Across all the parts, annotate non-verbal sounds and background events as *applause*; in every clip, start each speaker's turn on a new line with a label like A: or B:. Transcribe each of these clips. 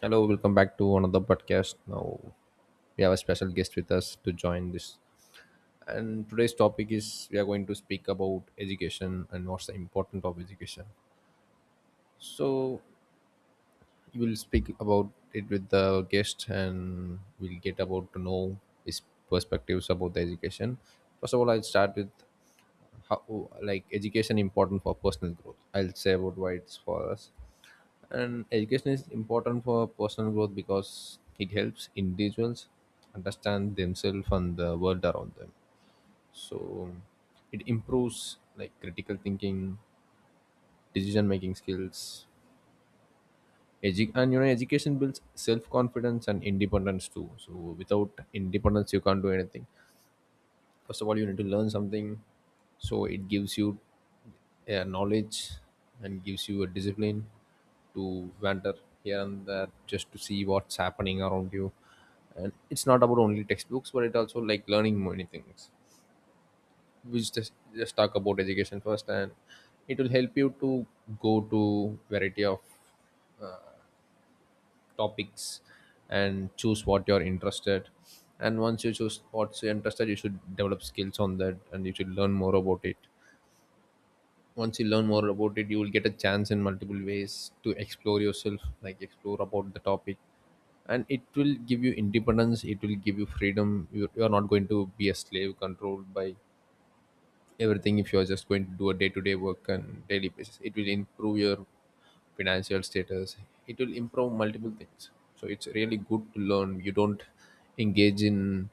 A: Hello, welcome back to another podcast. Now we have a special guest with us to join this. And today's topic is, we are going to speak about education and what's the importance of education. So we will speak about it with the guest and we'll get about to know his perspectives about the education. First of all, I'll start with how like education important for personal growth. I'll say about why it's for us. And education is important for personal growth because it helps individuals understand themselves and the world around them. So it improves like critical thinking, decision making skills. And you know, education builds self confidence and independence too. So without independence you can't do anything. First of all, you need to learn something, so it gives you a knowledge and gives you a discipline to wander here and there just to see what's happening around you, and it's not about only textbooks, but it also like learning many things. We just talk about education first, and it will help you to go to variety of topics and choose what you're interested, and once you choose what's you're interested you should develop skills on that and you should learn more about it. Once you learn more about it you will get a chance in multiple ways to explore yourself, like explore about the topic, and it will give you independence, it will give you freedom. You are not going to be a slave controlled by everything if you are just going to do a day-to-day work and daily basis. It will improve your financial status, it will improve multiple things. So it's really good to learn. You don't engage in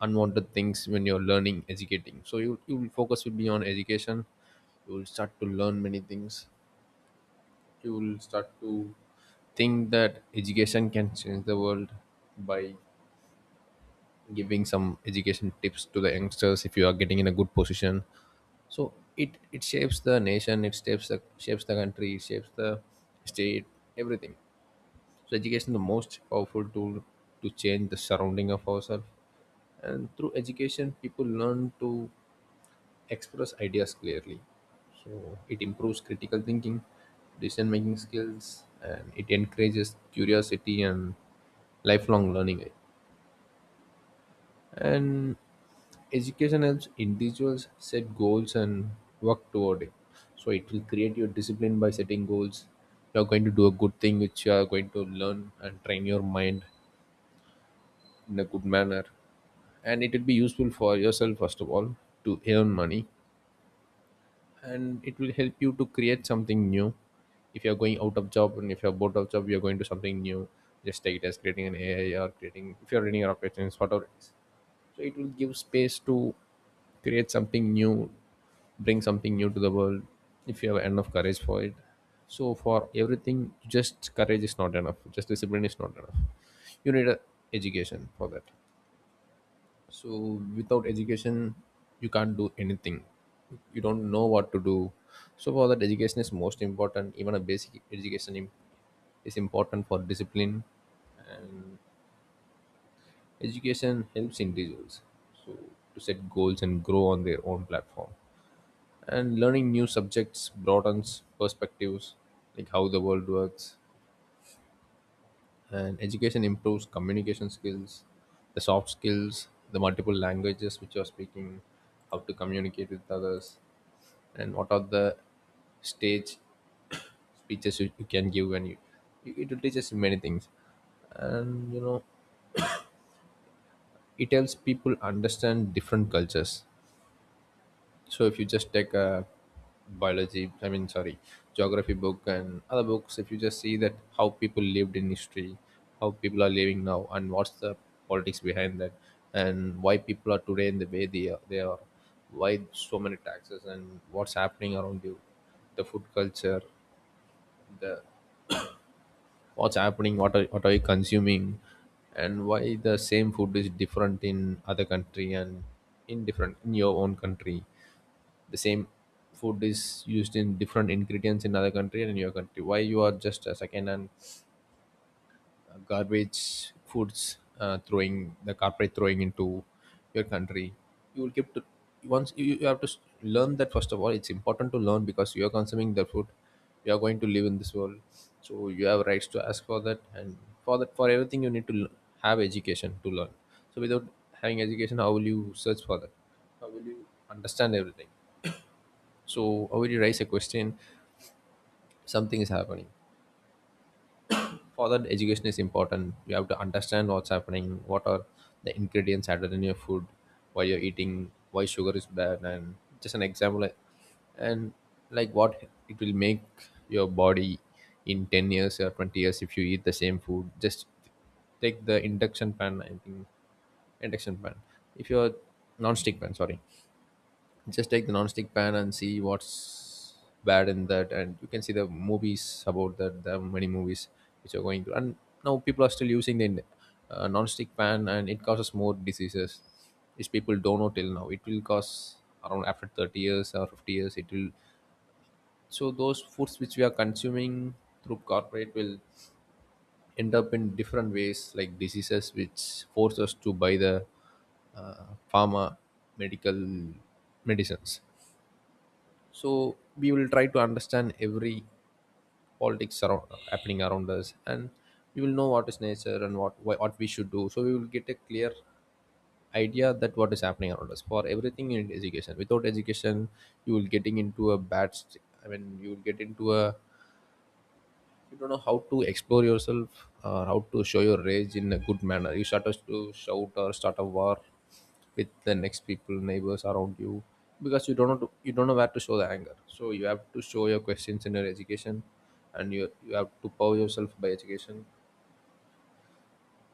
A: unwanted things when you're learning educating, so you will focus will be on education. You will start to learn many things. You will start to think that education can change the world by giving some education tips to the youngsters if you are getting in a good position. So it shapes the nation, it shapes the country it shapes the state, everything. So education is the most powerful tool to change the surrounding of ourselves, and through education people learn to express ideas clearly. So it improves critical thinking, decision making skills, and it encourages curiosity and lifelong learning. And education helps individuals set goals and work toward it. So it will create your discipline by setting goals. You are going to do a good thing which you are going to learn and train your mind in a good manner. And it will be useful for yourself first of all to earn money, and it will help you to create something new. If you're going out of job and if you're bored of job you're going to something new. Just take it as creating an ai or creating if you're running your operations, whatever it is. So it will give space to create something new, bring something new to the world if you have enough courage for it. So for everything, just courage is not enough, just discipline is not enough, you need a education for that. So without education you can't do anything, you don't know what to do. So for that education is most important. Even a basic education is important for discipline. And education helps individuals, so, to set goals and grow on their own platform. And learning new subjects broadens perspectives, like how the world works. And education improves communication skills, the soft skills, the multiple languages which you're speaking, how to communicate with others, and what are the stage *coughs* *clears throat* speeches you can give when you. It will teach us many things. And you know, it helps people understand different cultures. So if you just take a biology, I mean, sorry, geography book and other books, if you just see that how people lived in history, how people are living now, and what's the politics behind that, and why people are today in the way they are, they are, why so many taxes, and what's happening around you, the food culture, the what's happening, what are you consuming, and why the same food is different in other country and in different in your own country, the same food is used in different ingredients in other country and in your country, why you are just a second and garbage foods, throwing the corporate throwing into your country. You will keep to once you have to learn that. First of all it's important to learn because you are consuming the food, you are going to live in this world, so you have rights to ask for that. And for that, for everything you need to have education to learn. So without having education, how will you search for that, how will you understand everything? So, already raise a question, something is happening. For that, education is important. You have to understand what's happening, what are the ingredients added in your food, why you're eating, why sugar is bad, and just an example. And like what it will make your body in 10 years or 20 years if you eat the same food. Just take the induction pan, I think, induction pan. If you're non stick pan, sorry. Just take the non-stick pan and see what's bad in that, and you can see the movies about that. There are many movies which are going to, and now people are still using the non-stick pan and it causes more diseases which people don't know till now. It will cause around after 30 years or 50 years it will. So those foods which we are consuming through corporate will end up in different ways, like diseases which force us to buy the uh, pharma medical medicines. So we will try to understand every politics around happening around us, and we will know what is nature and what why what we should do, so we will get a clear idea that what is happening around us. For everything in education, without education you will getting into a bad you will get into a, you don't know how to explore yourself or how to show your rage in a good manner. You start us to shout or start a war with the next people neighbors around you, because you don't know to, you don't know where to show the anger. So you have to show your questions in your education, and you have to power yourself by education.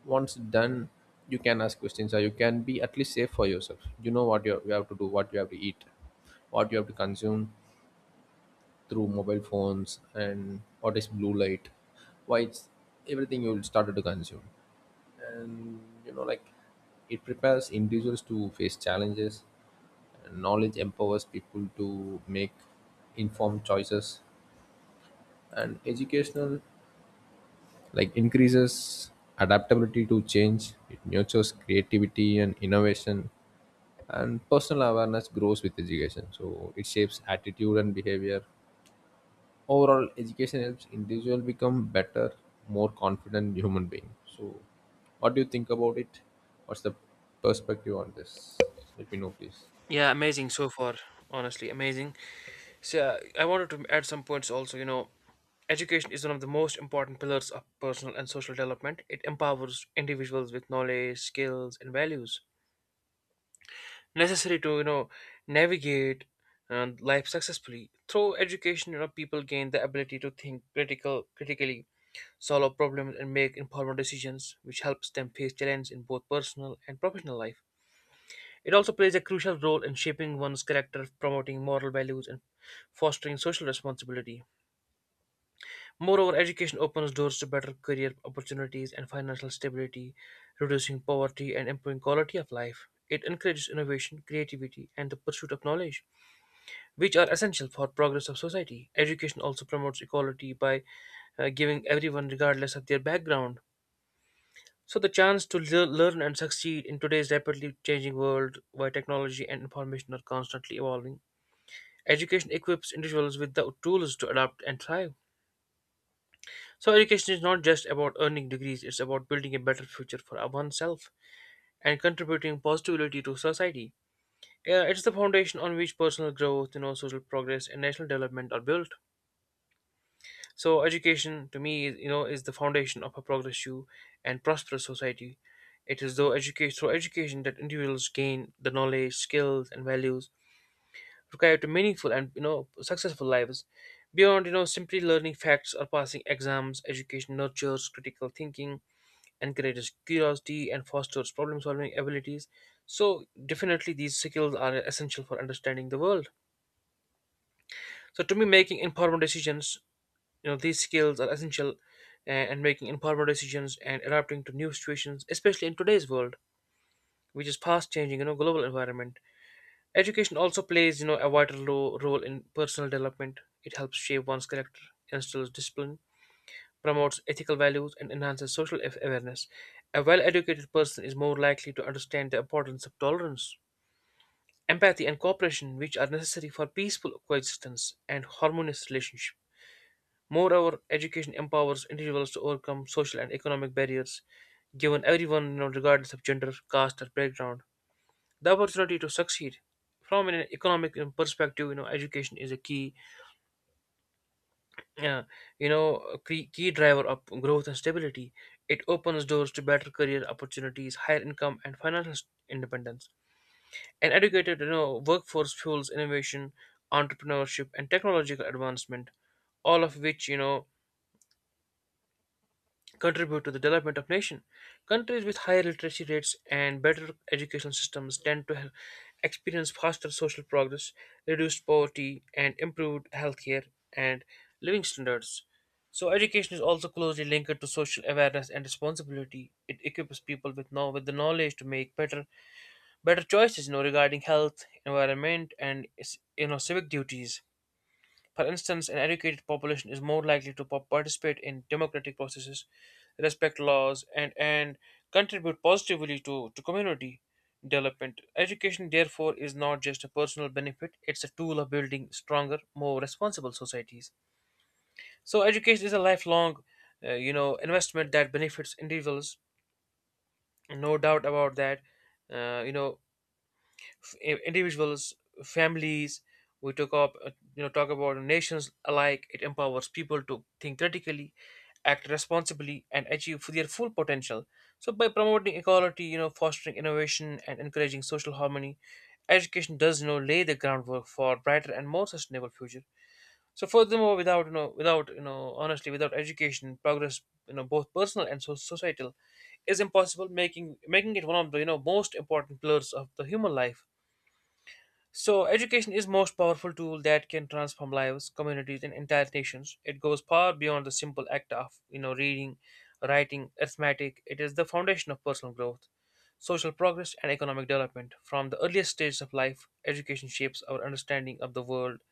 A: Once done, you can ask questions or you can be at least safe for yourself. You know what you have to do, what you have to eat, what you have to consume through mobile phones and all this blue light, why it's everything you will started to consume. And you know like, it prepares individuals to face challenges, and knowledge empowers people to make informed choices. And educational like increases adaptability to change, it nurtures creativity and innovation, and personal awareness grows with education, so it shapes attitude and behavior. Overall, education helps individual become better, more confident human being. So, what do you think about it? What's the perspective on this? Let me know, please.
B: Yeah, amazing so far. Honestly, amazing. So I wanted to add some points also. You know, education is one of the most important pillars of personal and social development. It empowers individuals with knowledge, skills, and values necessary to navigate life successfully. Through education, you know, people gain the ability to critically, solve problems, and make informed decisions, which helps them face challenges in both personal and professional life. It also plays a crucial role in shaping one's character, promoting moral values, and fostering social responsibility. Moreover, education opens doors to better career opportunities and financial stability, reducing poverty and improving quality of life. It encourages innovation, creativity, and the pursuit of knowledge, which are essential for progress of society. Education also promotes equality by giving everyone, regardless of their background, so the chance to learn and succeed in today's rapidly changing world, where technology and information are constantly evolving. Education equips individuals with the tools to adapt and thrive. So, education is not just about earning degrees, it's about building a better future for oneself and contributing positively to society. Yeah, it's the foundation on which personal growth, you know, social progress and national development are built. So, education to me, you know, is the foundation of a progressive and prosperous society. It is through education that individuals gain the knowledge, skills, and values required to meaningful and successful lives beyond simply learning facts or passing exams. Education nurtures critical thinking, encourages curiosity, and fosters problem solving abilities, so definitely these skills are essential for understanding the world. So to me, making informed decisions, you know, these skills are essential and making informed decisions and adapting to new situations, especially in today's world, which is fast changing, you know, global environment. Education also plays, you know, a vital role in personal development. It helps shape one's character, instills discipline, promotes ethical values, and enhances social awareness. A well-educated person is more likely to understand the importance of tolerance, empathy, and cooperation, which are necessary for peaceful coexistence and harmonious relationship. Moreover, education empowers individuals to overcome social and economic barriers, given everyone, you know, regardless of gender, caste, or background, the opportunity to succeed. From an economic perspective, you know, education is a key uh, key driver of growth and stability. It opens doors to better career opportunities, higher income, and financial independence. An educated, you know, workforce fuels innovation, entrepreneurship, and technological advancement, all of which, you know, contribute to the development of nation. Countries with higher literacy rates and better educational systems tend to have experience faster social progress, reduced poverty, and improved healthcare and living standards. So education is also closely linked to social awareness and responsibility. It equips people with know with the knowledge to make better choices, you know, regarding health, environment, and you know civic duties. For instance, an educated population is more likely to participate in democratic processes, respect laws, and contribute positively to community development. Education, therefore, is not just a personal benefit, it's a tool of building stronger, more responsible societies. So, education is a lifelong, you know, investment that benefits individuals, no doubt about that. You know, individuals, families. We took up, you know, talk about nations alike. It empowers people to think critically, act responsibly, and achieve their full potential. So, by promoting equality, you know, fostering innovation, and encouraging social harmony, education does, you know, lay the groundwork for brighter and more sustainable future. So, furthermore, without, you know, honestly, without education, progress, you know, both personal and societal, is impossible, making it one of the you know most important pillars of the human life. So education is most powerful tool that can transform lives, communities, and entire nations. It goes far beyond the simple act of you know reading, writing, arithmetic. It is the foundation of personal growth, social progress, and economic development. From the earliest stages of life, education shapes our understanding of the world,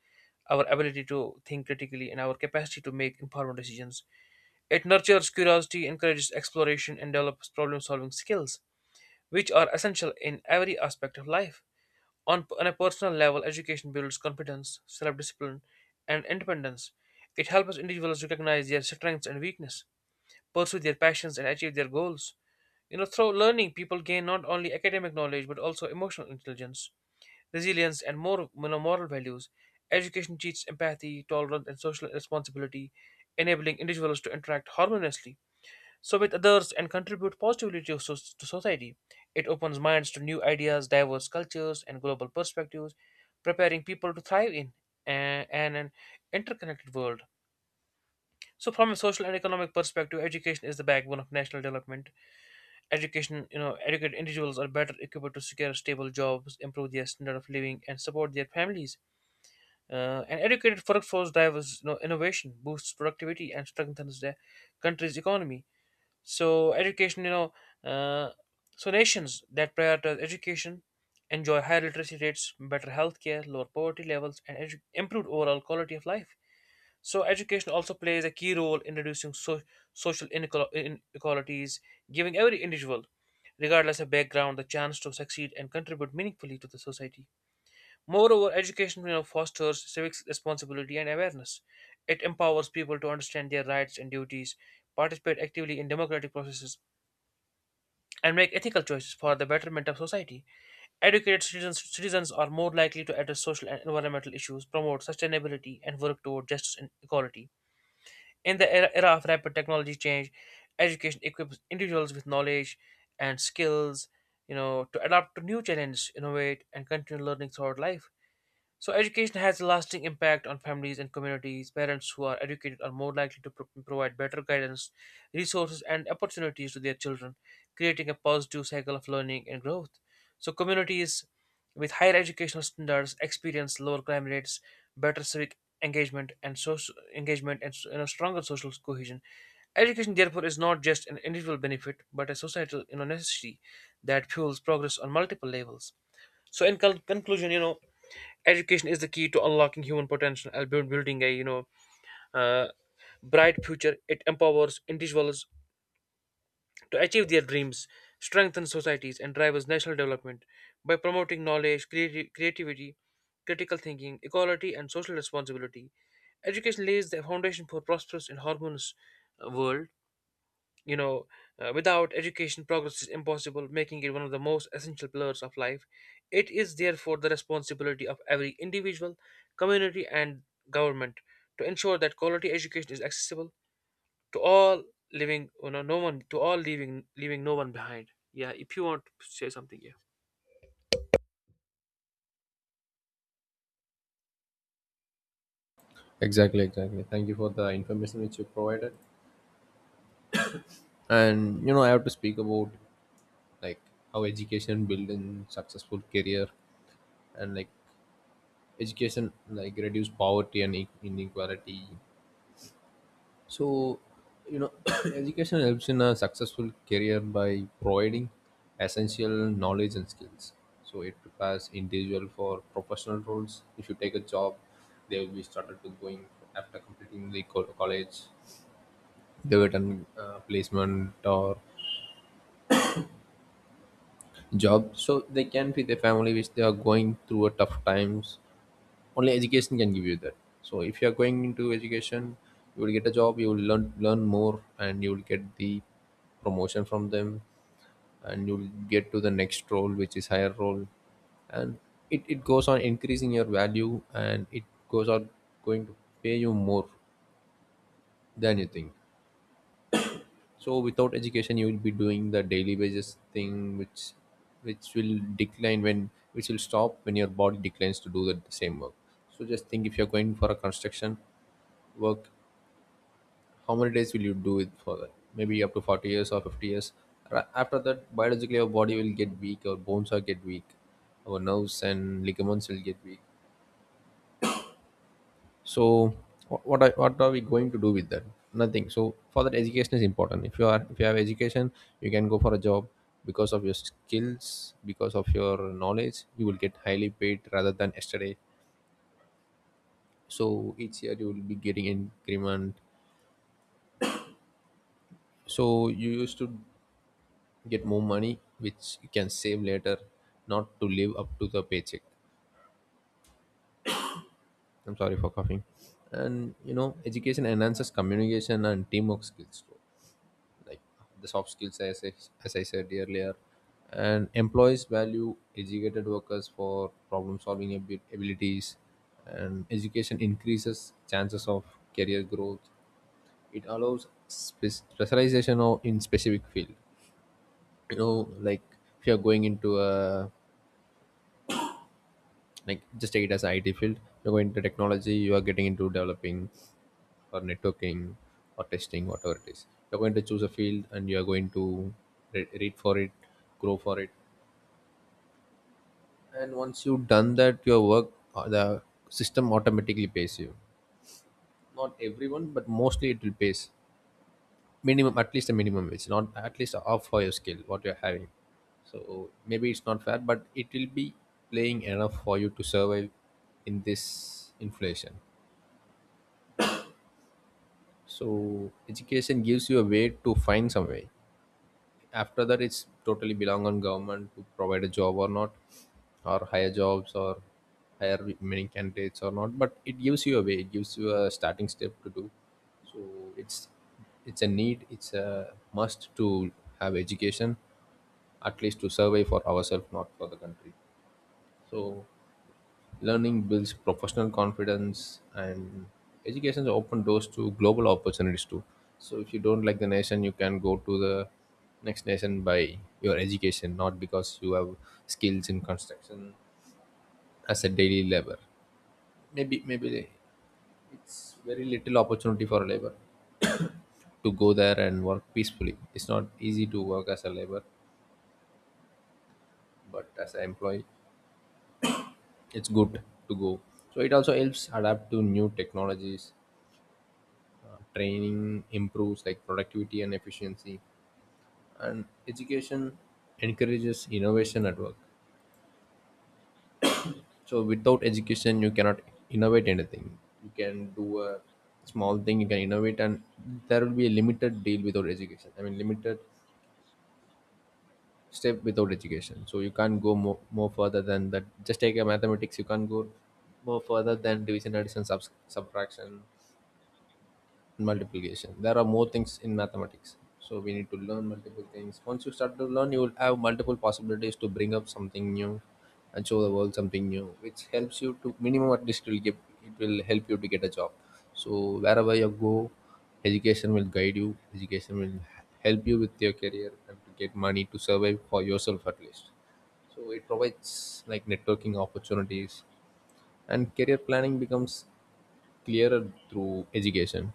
B: our ability to think critically, and our capacity to make informed decisions. It nurtures curiosity, encourages exploration, and develops problem-solving skills, which are essential in every aspect of life. On a personal level, education builds confidence, self discipline, and independence. It helps individuals recognize their strengths and weakness, pursue their passions, and achieve their goals. You know, through learning, people gain not only academic knowledge but also emotional intelligence, resilience, and more you know, moral values. Education teaches empathy, tolerance, and social responsibility, enabling individuals to interact harmoniously so with others and contribute positively to society. It opens minds to new ideas, diverse cultures, and global perspectives, preparing people to thrive in an interconnected world. So, from a social and economic perspective, education is the backbone of national development. Education, you know, educated individuals are better equipped to secure stable jobs, improve their standard of living, and support their families. An educated workforce drives you know, innovation, boosts productivity, and strengthens the country's economy. So education, you know, uh, so nations that prioritize education enjoy higher literacy rates, better healthcare, lower poverty levels, and improved overall quality of life. So education also plays a key role in reducing social inequalities, giving every individual, regardless of background, the chance to succeed and contribute meaningfully to the society. Moreover, education you know, fosters civic responsibility and awareness. It empowers people to understand their rights and duties, participate actively in democratic processes, and make ethical choices for the betterment of society. Citizens are more likely to address social and environmental issues, promote sustainability, and work toward justice and equality. In the era of rapid technology change, education equips individuals with knowledge and skills, you know, to adapt to new challenges, innovate, and continue learning throughout life. So, education has a lasting impact on families and communities. Parents who are educated are more likely to provide better guidance, resources, and opportunities to their children, creating a positive cycle of learning and growth. So, communities with higher educational standards experience lower crime rates, better civic engagement, and social engagement, and you know, stronger social cohesion. Education, therefore, is not just an individual benefit, but a societal you know, necessity that fuels progress on multiple levels. So, in conclusion, you know, education is the key to unlocking human potential and building a you know uh, bright future. It empowers individuals to achieve their dreams, strengthens societies, and drives national development by promoting knowledge, creativity, critical thinking, equality, and social responsibility. Education lays the foundation for prosperous and harmonious world. You know, without education, progress is impossible, making it one of the most essential pillars of life. It is therefore the responsibility of every individual, community, and government to ensure that quality education is accessible to all, living. You know, no one to all, leaving leaving no one behind. Yeah, if you want to say something, yeah.
A: Exactly, exactly. Thank you for the information which you provided. And you know, I have to speak about like how education build in successful career, and like education like reduce poverty and inequality. So, you know, *coughs* *clears throat* education helps in a successful career by providing essential knowledge and skills. So it prepares individual for professional roles. If you take a job, they will be started with going after completing the college, they will done placement or job. So they can feed their family, which they are going through a tough times. Only education can give you that. So if you are going into education, you will get a job, you will learn more, and you will get the promotion from them. And you will get to the next role, which is higher role. And it goes on increasing your value, and it goes on going to pay you more than you think. So without education, you will be doing the daily basis thing which will decline when which will stop when your body declines to do the same work. So just think, if you're going for a construction work, how many days will you do it for? That maybe up to 40 years or 50 years. After that, biologically our body will get weak, our bones will get weak, our nerves and ligaments will get weak. So what are we going to do with that? Nothing. So for that, education is important. If you are, if you have education, you can go for a job. Because of your skills, because of your knowledge, you will get highly paid rather than yesterday. So each year you will be getting increment. So you used to get more money which you can save later, not to live up to the paycheck. I'm sorry for coughing. And you know, education enhances communication and teamwork skills too. Like the soft skills, as I said earlier. And employees value educated workers for problem solving abilities. And education increases chances of career growth. It allows specialization of in specific field. You know, like if you're going into a, like just take it as IT field. You're going into technology, you are getting into developing or networking or testing, whatever it is. You're going to choose a field and you are going to read for it, grow for it. And once you've done that, your work, the system automatically pays you. Not everyone, but mostly it will pay minimum, at least a minimum wage, not at least half for your skill, what you're having. So maybe it's not fair, but it will be playing enough for you to survive in this inflation. So education gives you a way to find some way. After that, it's totally belong on government to provide a job or not, or higher jobs or hire many candidates or not. But it gives you a way. It gives you a starting step to do. So it's it's a need. It's a must to have education, at least to survive for ourselves, not for the country. So learning builds professional confidence, and education open doors to global opportunities too. So if you don't like the nation, you can go to the next nation by your education, not because you have skills in construction as a daily labor. Maybe it's very little opportunity for a labor to go there and work peacefully. It's not easy to work as a labor, but as an employee, it's good to go. So it also helps adapt to new technologies. Training improves like productivity and efficiency, and education encourages innovation at work. So without education, you cannot innovate anything. You can do a small thing, you can innovate, and there will be a limited deal without education. I mean, limited step without education. So you can't go more further than that. Just take a mathematics, you can't go more further than division, addition, subtraction, multiplication. There are more things in mathematics. So we need to learn multiple things. Once you start to learn, you will have multiple possibilities to bring up something new and show the world something new, which helps you to minimum at least it will give, it will help you to get a job. So wherever you go, education will guide you. Education will help you with your career and to get money to survive for yourself at least. So it provides like networking opportunities, and career planning becomes clearer through education.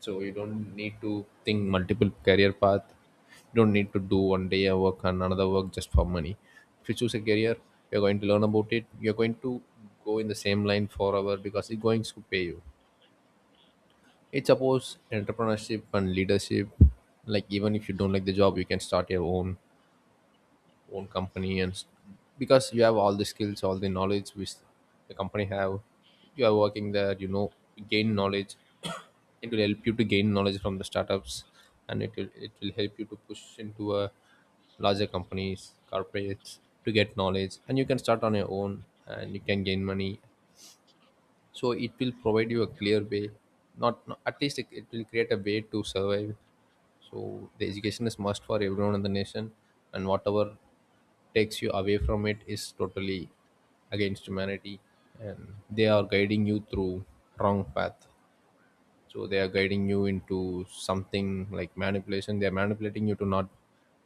A: So you don't need to think multiple career path. You don't need to do one day a work and another work just for money. If you choose a career, you're going to learn about it. You're going to go in the same line forever because it's going to pay you. It supports entrepreneurship and leadership. Like even if you don't like the job, you can start your own company, and because you have all the skills, all the knowledge which the company have, you are working there, you know, you gain knowledge. *coughs* It will help you to gain knowledge from the startups, and it will help you to push into a larger companies, corporates, to get knowledge, and you can start on your own and you can gain money. So it will provide you a clear way, not at least it will create a way to survive. So the education is must for everyone in the nation, and whatever takes you away from it is totally against humanity. And they are guiding you through wrong path. So they are guiding you into something like manipulation. They are manipulating you to not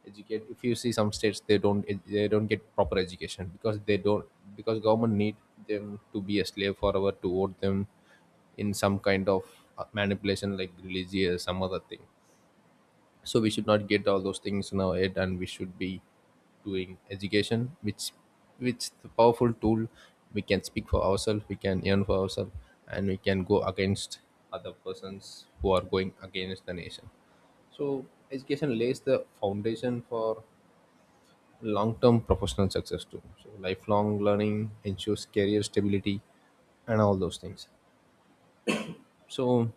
A: educate. If you see some states, they don't ed- they don't get proper education, because they don't, because government need them to be a slave forever to vote them in some kind of manipulation, like religious some other thing. So we should not get all those things in our head, and we should be doing education, which the powerful tool. We can speak for ourselves, we can earn for ourselves, and we can go against other persons who are going against the nation. So education lays the foundation for long-term professional success too. So lifelong learning ensures career stability and all those things. So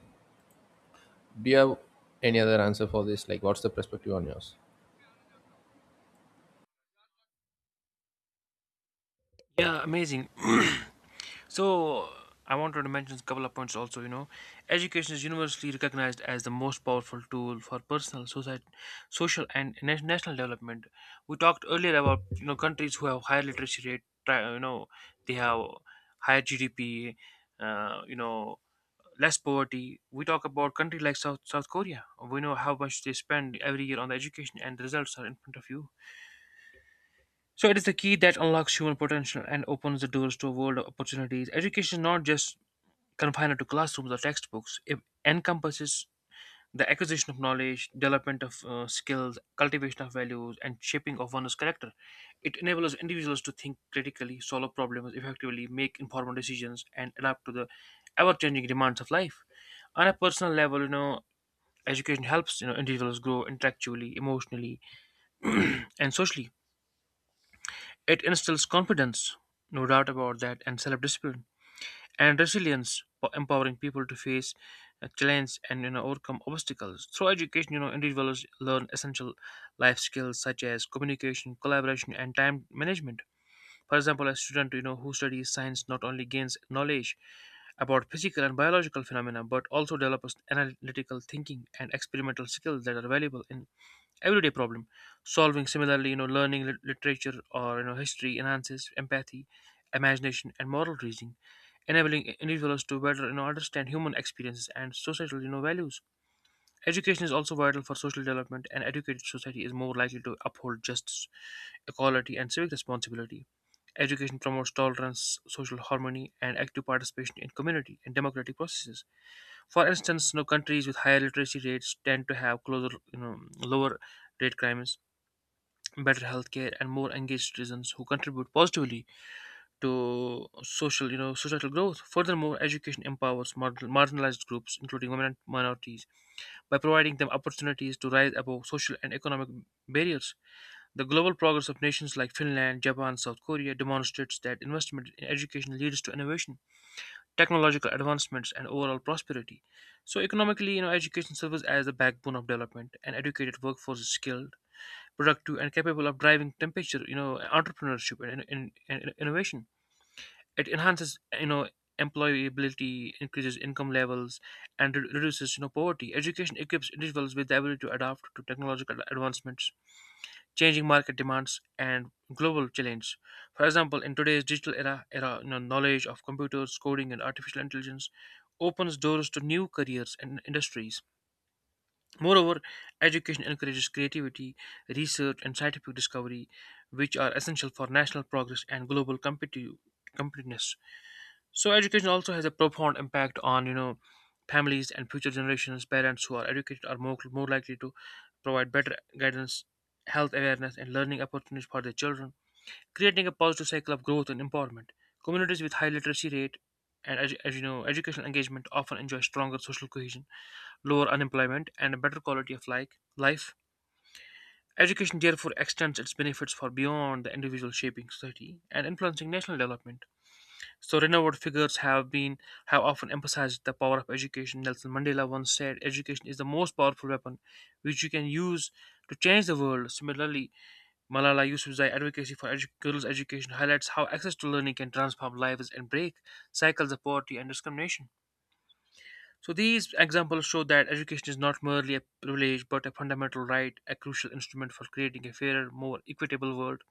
A: do you have any other answer for this, like what's the perspective on yours?
B: Yeah, amazing. *clears throat* So I wanted to mention a couple of points also. You know, education is universally recognized as the most powerful tool for personal, society, social, and national development. We talked earlier about you know countries who have higher literacy rate. You know, they have higher GDP. You know, less poverty. We talk about country like South Korea. We know how much they spend every year on the education, and the results are in front of you. So it is the key that unlocks human potential and opens the doors to a world of opportunities. Education is not just confined to classrooms or textbooks. It encompasses the acquisition of knowledge, development of skills, cultivation of values, and shaping of one's character. It enables individuals to think critically, solve problems effectively, make informed decisions, and adapt to the ever-changing demands of life. On a personal level, you know, education helps you know individuals grow intellectually, emotionally, and socially. It instills confidence, no doubt about that, and self-discipline and resilience, empowering people to face challenges and you know overcome obstacles. Through education, you know individuals learn essential life skills such as communication, collaboration, and time management. For example, a student you know who studies science not only gains knowledge about physical and biological phenomena but also develops analytical thinking and experimental skills that are valuable in everyday problem solving. Similarly, you know, learning literature or you know history enhances empathy, imagination, and moral reasoning, enabling individuals to better you know, understand human experiences and societal you know, values. Education is also vital for social development, and educated society is more likely to uphold justice, equality, and civic responsibility. Education promotes tolerance, social harmony, and active participation in community and democratic processes. For instance, countries with higher literacy rates tend to have closer, lower rate crimes, better healthcare, and more engaged citizens who contribute positively to social, societal growth. Furthermore, education empowers marginalized groups, including women and minorities, by providing them opportunities to rise above social and economic barriers. The global progress of nations like Finland, Japan, South Korea demonstrates that investment in education leads to innovation, technological advancements, and overall prosperity. So, economically, education serves as the backbone of development. An educated workforce is skilled, productive, and capable of driving temperature, entrepreneurship and innovation. It enhances employability, increases income levels, and reduces poverty. Education equips individuals with the ability to adapt to technological advancements, changing market demands, and global challenges. For example, in today's digital era, knowledge of computers, coding, and artificial intelligence opens doors to new careers and industries. Moreover, education encourages creativity, research, and scientific discovery, which are essential for national progress and global competitiveness. So education also has a profound impact on families and future generations. Parents who are educated are more likely to provide better guidance, health awareness, and learning opportunities for their children, creating a positive cycle of growth and empowerment. Communities with high literacy rate and as you know educational engagement often enjoy stronger social cohesion, lower unemployment, and a better quality of life. Education therefore extends its benefits for beyond the individual, shaping society and influencing national development. So renowned figures have often emphasized the power of education. Nelson Mandela once said, "Education is the most powerful weapon, which you can use to change the world." Similarly, Malala Yousafzai's advocacy for girls' education highlights how access to learning can transform lives and break cycles of poverty and discrimination. So these examples show that education is not merely a privilege but a fundamental right, a crucial instrument for creating a fairer, more equitable world.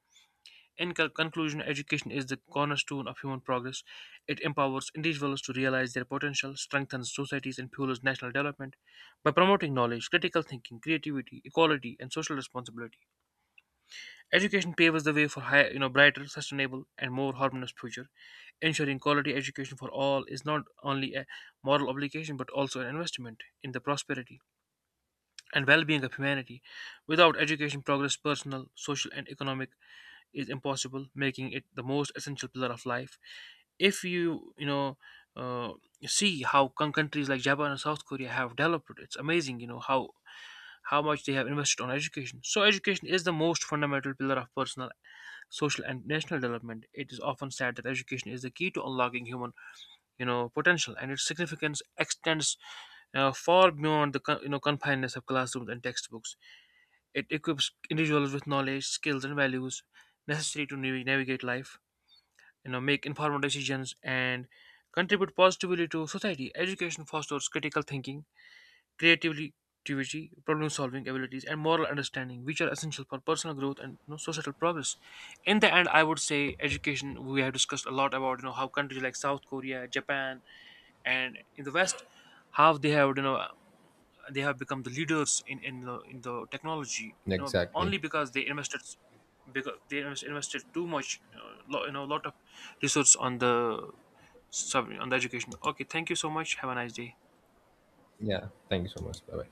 B: In conclusion, education is the cornerstone of human progress. It empowers individuals to realize their potential, strengthens societies, and fuels national development. By promoting knowledge, critical thinking, creativity, equality, and social responsibility, education paves the way for higher, brighter, sustainable, and more harmonious future. Ensuring quality education for all is not only a moral obligation but also an investment in the prosperity and well-being of humanity. Without education, progress, personal, social, and economic is impossible, making it the most essential pillar of life. If you you know uh, see how countries like Japan and South Korea have developed, it's amazing. You know how much they have invested on education. So education is the most fundamental pillar of personal, social, and national development. It is often said that education is the key to unlocking human, potential, and its significance extends far beyond the confines of classrooms and textbooks. It equips individuals with knowledge, skills, and values necessary to navigate life, make informed decisions, and contribute positively to society. Education fosters critical thinking, creativity, problem-solving abilities, and moral understanding, which are essential for personal growth and societal progress. In the end, I would say education. We have discussed a lot about how countries like South Korea, Japan, and in the west, how they have become the leaders in the technology,
A: Exactly.
B: only because they invested because they invest- invested too much, you know, lo, you know lot of resource on the education. Okay, thank you so much. Have a nice day.
A: Yeah. Thank you so much. Bye bye.